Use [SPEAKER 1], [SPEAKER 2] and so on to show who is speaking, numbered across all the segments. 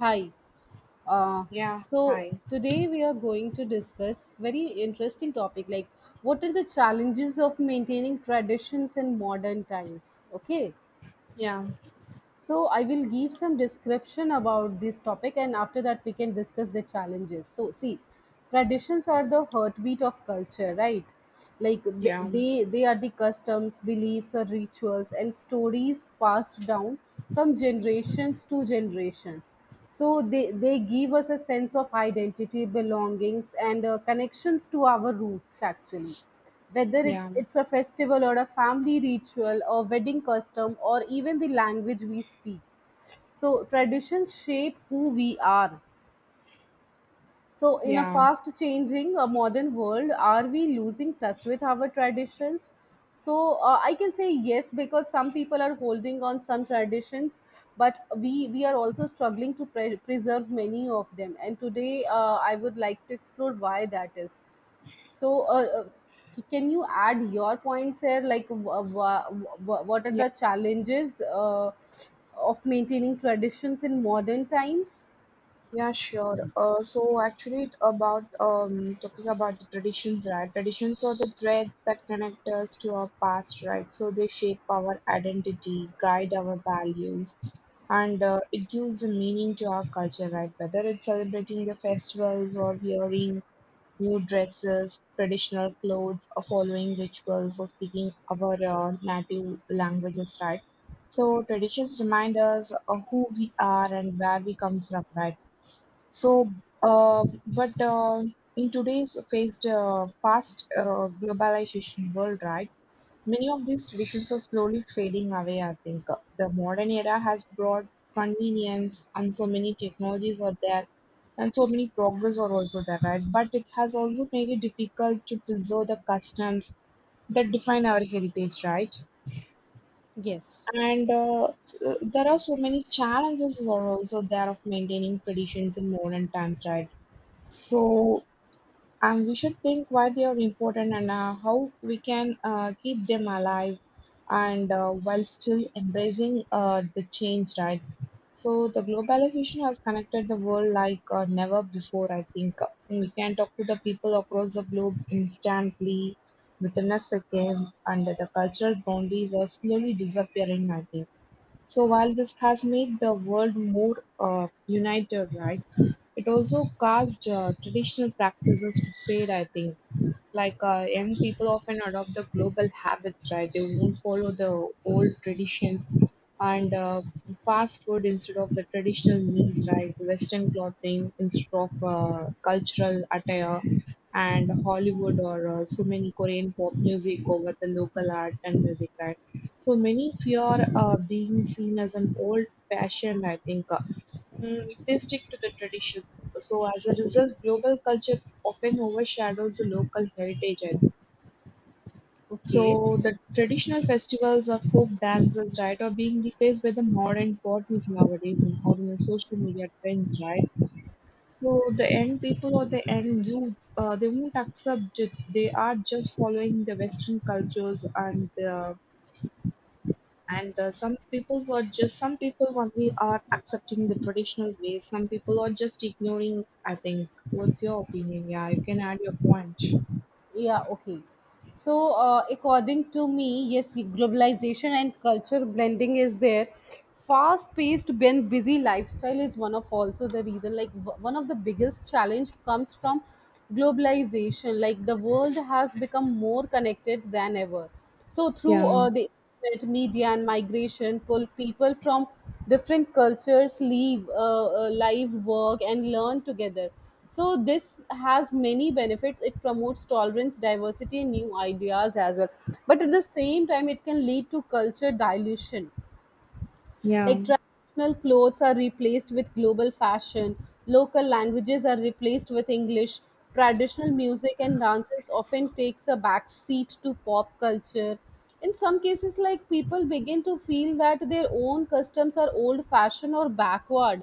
[SPEAKER 1] Hi. Uh,
[SPEAKER 2] Yeah,
[SPEAKER 1] so
[SPEAKER 2] hi.
[SPEAKER 1] today we are going to discuss very interesting topic like what are the challenges of maintaining traditions in modern times. Okay.
[SPEAKER 2] Yeah,
[SPEAKER 1] So I will give some description about this topic and after that we can discuss the challenges. So see, traditions are the heartbeat of culture, right? Like th-
[SPEAKER 2] yeah,
[SPEAKER 1] they they are the customs, beliefs or rituals and stories passed down from generations to generations, so they give us a sense of identity, belongings and connections to our roots actually, whether it,
[SPEAKER 2] yeah,
[SPEAKER 1] it's a festival or a family ritual or wedding custom or even the language we speak. So traditions shape who we are. So, in a
[SPEAKER 2] yeah,
[SPEAKER 1] fast changing modern world, are we losing touch with our traditions? So, I can say yes because some people are holding on some traditions, but we are also struggling to preserve many of them. And today, I would like to explore why that is. So, uh, uh, can you add your points here? Like, what are
[SPEAKER 2] yeah,
[SPEAKER 1] the challenges of maintaining traditions in modern times?
[SPEAKER 2] yeah, sure. So actually, it's about talking about the traditions, right? Traditions are the threads that connect us to our past, right? So they shape our identity, guide our values, and it gives a meaning to our culture, right? Whether it's celebrating the festivals or hearing new dresses, traditional clothes, following rituals, or speaking our native languages, right? So traditions remind us of who we are and where we come from, right? So, but in today's faced fast globalization world, right? Many of these traditions are slowly fading away, I think. The modern era has brought convenience, and so many technologies are there, and so many progress are also there, right? But it has also made it difficult to preserve the customs that define our heritage, right?
[SPEAKER 1] Yes.
[SPEAKER 2] And there are so many challenges are also there of maintaining traditions in modern times, right? So and we should think why they are important and how we can keep them alive and while still embracing the change, right? So the globalization has connected the world like never before, I think. We can talk to the people across the globe instantly within a second, and the cultural boundaries are slowly disappearing, I think. So while this has made the world more united, right, it also caused traditional practices to fade, I think, like young people often adopt the global habits, right? They won't follow the old traditions and fast food instead of the traditional meals, right? Western clothing instead of cultural attire, and Hollywood or so many Korean pop music over the local art and music, right? So many fear being seen as an old fashioned, I think, if they stick to the tradition. So as a result, global culture often overshadows the local heritage, I think.
[SPEAKER 1] Okay.
[SPEAKER 2] So the traditional festivals or folk dances, right, are being replaced by the modern parties nowadays and all the social media trends, right? So the end people or the end youths, they won't accept it. They are just following the Western cultures, and some peoples are just some people only are accepting the traditional ways. Some people are just ignoring, I think. What's your opinion? Yeah, you can add your point.
[SPEAKER 1] Yeah, okay, so according to me, yes, globalization and culture blending is there, fast paced and busy lifestyle is one of also the reason. Like one of the biggest challenge comes from globalization, like the world has become more connected than ever. So through
[SPEAKER 2] Yeah,
[SPEAKER 1] the internet, media and migration, pull people from different cultures leave live, work and learn together. So this has many benefits. It promotes tolerance, diversity, and new ideas as well. But at the same time, it can lead to culture dilution,
[SPEAKER 2] yeah,
[SPEAKER 1] like traditional clothes are replaced with global fashion, local languages are replaced with English, traditional music and dances often takes a back seat to pop culture. In some cases, like people begin to feel that their own customs are old fashioned or backward.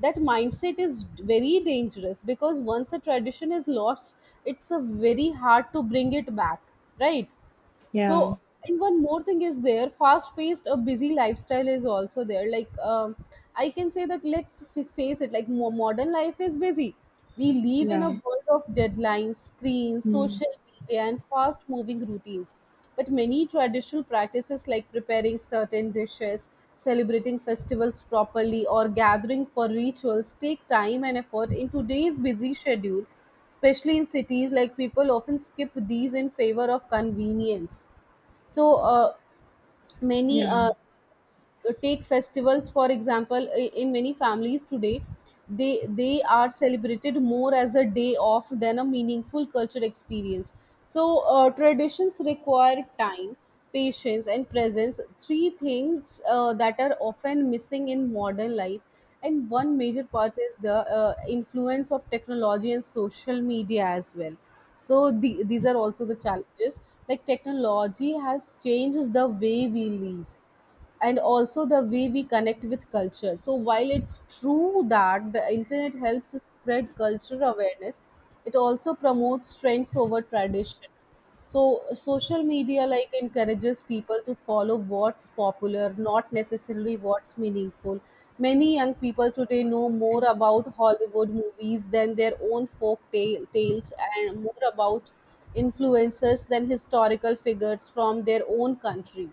[SPEAKER 1] That mindset is very dangerous because once a tradition is lost, it's a very hard to bring it back, right?
[SPEAKER 2] yeah,
[SPEAKER 1] So, and one more thing is there, fast paced a busy lifestyle is also there. Like I can say that let's face it, like modern life is busy. We live in a
[SPEAKER 2] yeah,
[SPEAKER 1] world of deadlines, screens,
[SPEAKER 2] mm,
[SPEAKER 1] social media, and fast moving routines. But many traditional practices like preparing certain dishes, celebrating festivals properly, or gathering for rituals take time and effort in today's busy schedule, especially in cities, like people often skip these in favor of convenience. So many
[SPEAKER 2] yeah,
[SPEAKER 1] take festivals for example, in many families today they are celebrated more as a day off than a meaningful culture experience. So traditions require time, patience and presence, three things that are often missing in modern life. And one major part is the influence of technology and social media as well. So these are also the challenges, like technology has changed the way we live and also the way we connect with culture. So while it's true that the internet helps spread cultural awareness, it also promotes strengths over tradition. So social media like encourages people to follow what's popular, not necessarily what's meaningful. Many young people today know more about Hollywood movies than their own tales and more about influencers than historical figures from their own country.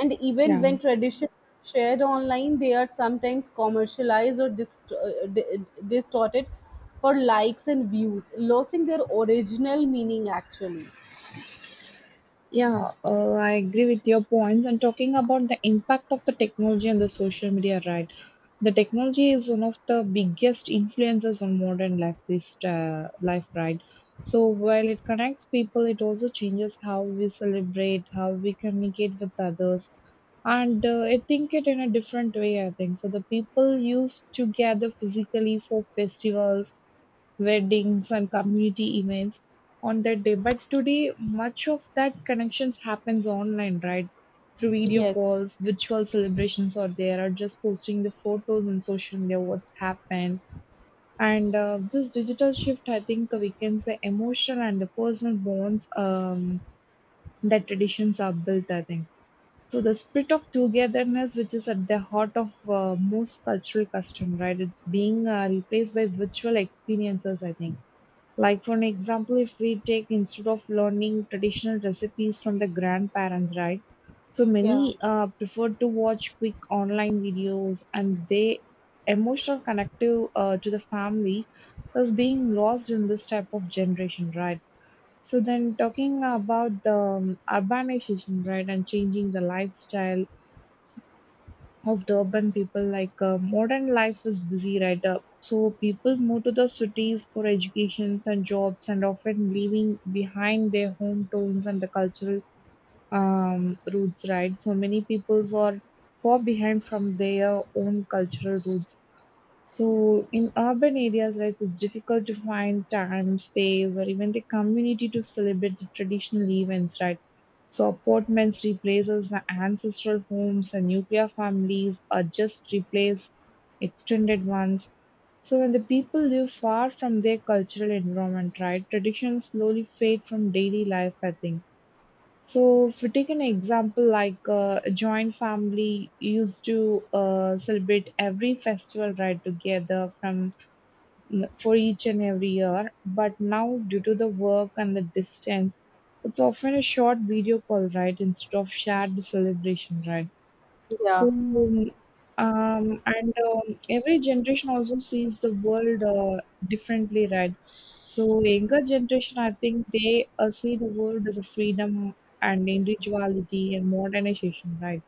[SPEAKER 1] And even when
[SPEAKER 2] yeah.
[SPEAKER 1] traditions are shared online, they are sometimes commercialized or distorted for likes and views, losing their original meaning actually.
[SPEAKER 2] Yeah, I agree with your points. And talking about the impact of the technology and the social media, right? The technology is one of the biggest influences on modern life. This life, right? So while it connects people, it also changes how we celebrate, how we communicate with others, and I think it in a different way, I think. So the people used to gather physically for festivals, weddings and community events on that day. But today, much of that connections happens online, right? Through video
[SPEAKER 1] Yes.
[SPEAKER 2] calls, virtual celebrations are there, or just posting the photos on social media, what's happened. And this digital shift, I think, weakens the emotion and the personal bonds that traditions are built, I think. So the spirit of togetherness, which is at the heart of most cultural custom, right? It's being replaced by virtual experiences, I think, like for an example, if we take instead of learning traditional recipes from the grandparents, right? So
[SPEAKER 1] Yeah.
[SPEAKER 2] many prefer to watch quick online videos, and they emotional connective to the family is being lost in this type of generation, right? So then talking about the urbanization, right, and changing the lifestyle of the urban people like modern life is busy, right up, so people move to the cities for educations and jobs, and often leaving behind their hometowns and the cultural roots, right? So many peoples are far behind from their own cultural roots. So in urban areas, right, it's difficult to find time, space, or even the community to celebrate the traditional events, right? So apartments replaces the ancestral homes, and nuclear families are just replace extended ones. So when the people live far from their cultural environment, right, traditions slowly fade from daily life, I think. So, if we take an example, like a joint family used to celebrate every festival right together from for each and every year, but now due to the work and the distance, it's often a short video call, right, instead of shared celebration, right.
[SPEAKER 1] Yeah.
[SPEAKER 2] So, and every generation also sees the world differently, right? So, younger generation, I think they see the world as a freedom and individuality and modernization, right?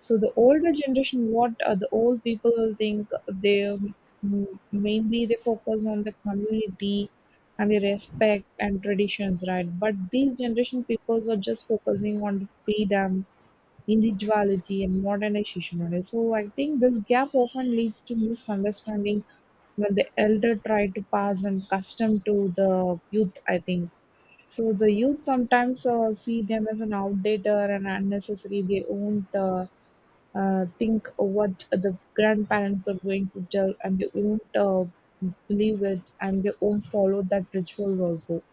[SPEAKER 2] So, the older generation, what the old people will think, they mainly they focus on the community and the respect and traditions, right? But these generation peoples are just focusing on the freedom, individuality and modernization only. So I think this gap often leads to misunderstanding when the elder try to pass and custom to the youth, I think. So the youth sometimes see them as an outdated and unnecessary. They won't think what the grandparents are going to tell, and they won't believe it and they won't follow that ritual also.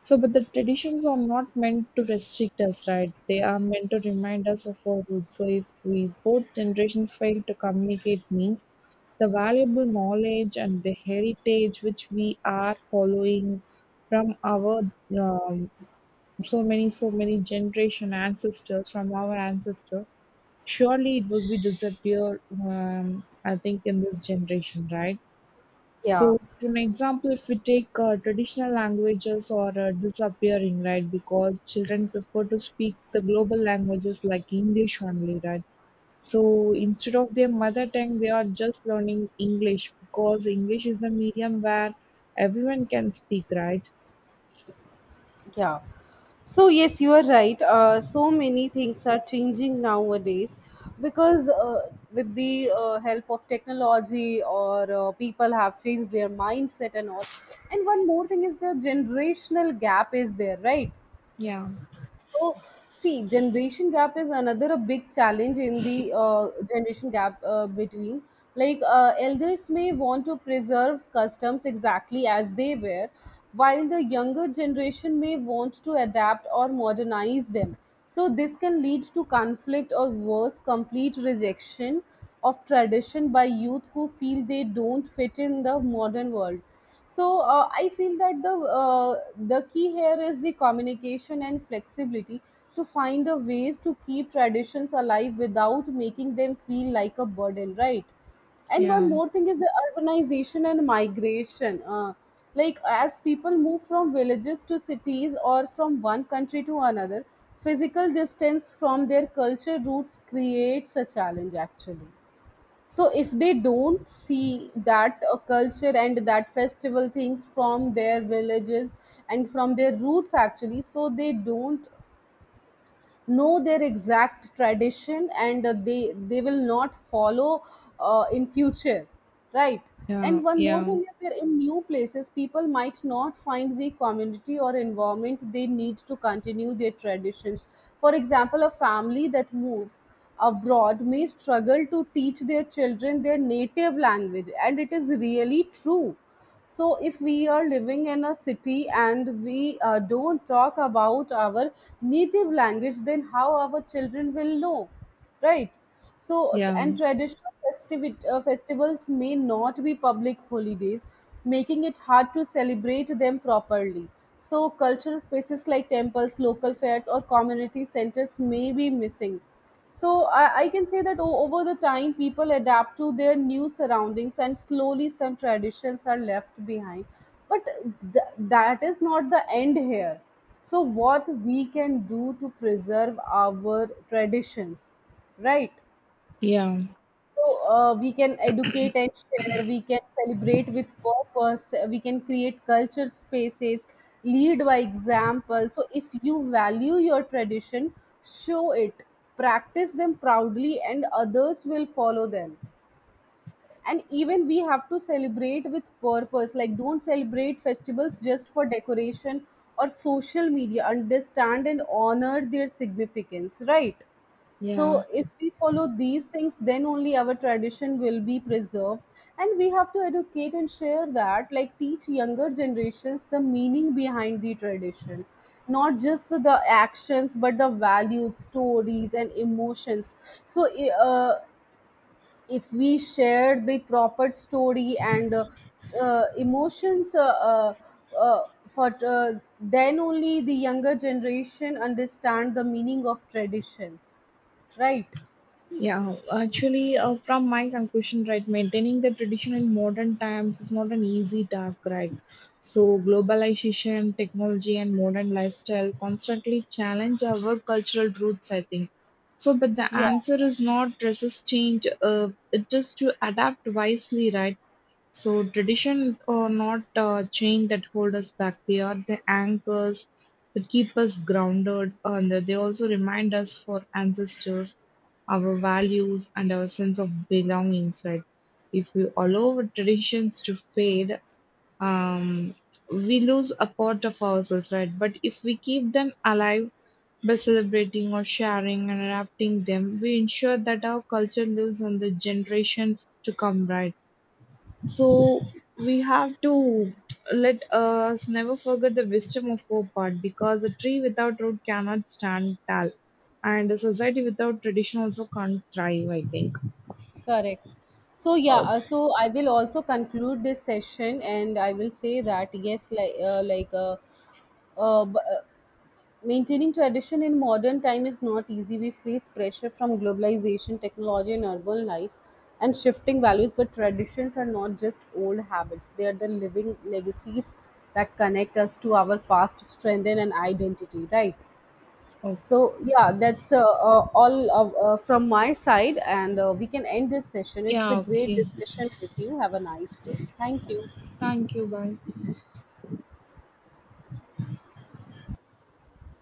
[SPEAKER 2] So, but the traditions are not meant to restrict us, right? They are meant to remind us of our roots. So, if we both generations fail to communicate means the valuable knowledge and the heritage which we are following from our um, so many generation ancestors from our ancestor, surely it will be disappear. I think in this generation, right?
[SPEAKER 1] Yeah.
[SPEAKER 2] So, for an example, if we take traditional languages or disappearing, right? Because children prefer to speak the global languages like English only, right? So instead of their mother tongue, they are just learning English because English is the medium where everyone can speak, right?
[SPEAKER 1] Yeah. So yes, you are right. So many things are changing nowadays because with the help of technology or people have changed their mindset and all. And one more thing is the generational gap is there, right?
[SPEAKER 2] Yeah,
[SPEAKER 1] So, see, generation gap is another a big challenge in the generation gap between. Like, elders may want to preserve customs exactly as they were, while the younger generation may want to adapt or modernize them. So, this can lead to conflict or worse, complete rejection of tradition by youth who feel they don't fit in the modern world. So I feel that uh, the key here is the communication and flexibility to find a ways to keep traditions alive without making them feel like a burden, right? And one
[SPEAKER 2] yeah,
[SPEAKER 1] more thing is the urbanization and migration, like as people move from villages to cities or from one country to another, physical distance from their culture roots creates a challenge actually. So if they don't see that culture and that festival things from their villages and from their roots actually, so they don't know their exact tradition and they will not follow in future, right? And
[SPEAKER 2] yeah,
[SPEAKER 1] one more
[SPEAKER 2] yeah,
[SPEAKER 1] thing is that in new places people might not find the community or environment they need to continue their traditions. For example, a family that moves abroad may struggle to teach their children their native language, and it is really true. So, if we are living in a city and we don't talk about our native language, then how our children will know, right? So, tr-
[SPEAKER 2] yeah,
[SPEAKER 1] and traditional festivi- uh, festivals may not be public holidays, making it hard to celebrate them properly. So, cultural spaces like temples, local fairs, or community centers may be missing. So I can say that over the time, people adapt to their new surroundings, and slowly some traditions are left behind. But that is not the end here. So what we can do to preserve our traditions, right?
[SPEAKER 2] yeah,
[SPEAKER 1] So we can educate and share, we can celebrate with purpose, we can create culture spaces, lead by example. So if you value your tradition, show it, practice them proudly, and others will follow them. And even we have to celebrate with purpose, like don't celebrate festivals just for decoration or social media, understand and honor their significance, right?
[SPEAKER 2] yeah.
[SPEAKER 1] So if we follow these things, then only our tradition will be preserved. And we have to educate and share that, like teach younger generations the meaning behind the tradition, not just the actions, but the values, stories, and emotions. So, if we share the proper story and emotions uh, for then only the younger generation understand the meaning of traditions, right?
[SPEAKER 2] Yeah, actually, from my conclusion, right, maintaining the tradition in modern times is not an easy task, right? So, globalization, technology, and modern lifestyle constantly challenge our cultural roots, I think. So, but the
[SPEAKER 1] Yeah,
[SPEAKER 2] answer is not resist change, it is to adapt wisely, right? So, tradition or not chain that hold us back, they are the anchors that keep us grounded, and they also remind us for ancestors, our values and our sense of belonging, right? If we allow our traditions to fade, um, we lose a part of ourselves, right? But if we keep them alive by celebrating or sharing and adapting them, we ensure that our culture lives on the generations to come, right? So we have to, let us never forget the wisdom of our part, because a tree without root cannot stand tall, and a society without tradition also can't thrive, I think.
[SPEAKER 1] correct. So yeah, so I will also conclude this session and I will say that yes, uh, b- uh, maintaining tradition in modern time is not easy. We face pressure from globalization, technology, and urban life, and shifting values. But traditions are not just old habits, they are the living legacies that connect us to our past, strengthen, and identity, right?
[SPEAKER 2] Okay.
[SPEAKER 1] So, yeah, that's all from my side, and we can end this session. It's a
[SPEAKER 2] Yeah.
[SPEAKER 1] great
[SPEAKER 2] Okay.
[SPEAKER 1] discussion with you. Have a nice day. Thank you.
[SPEAKER 2] Thank you. Bye.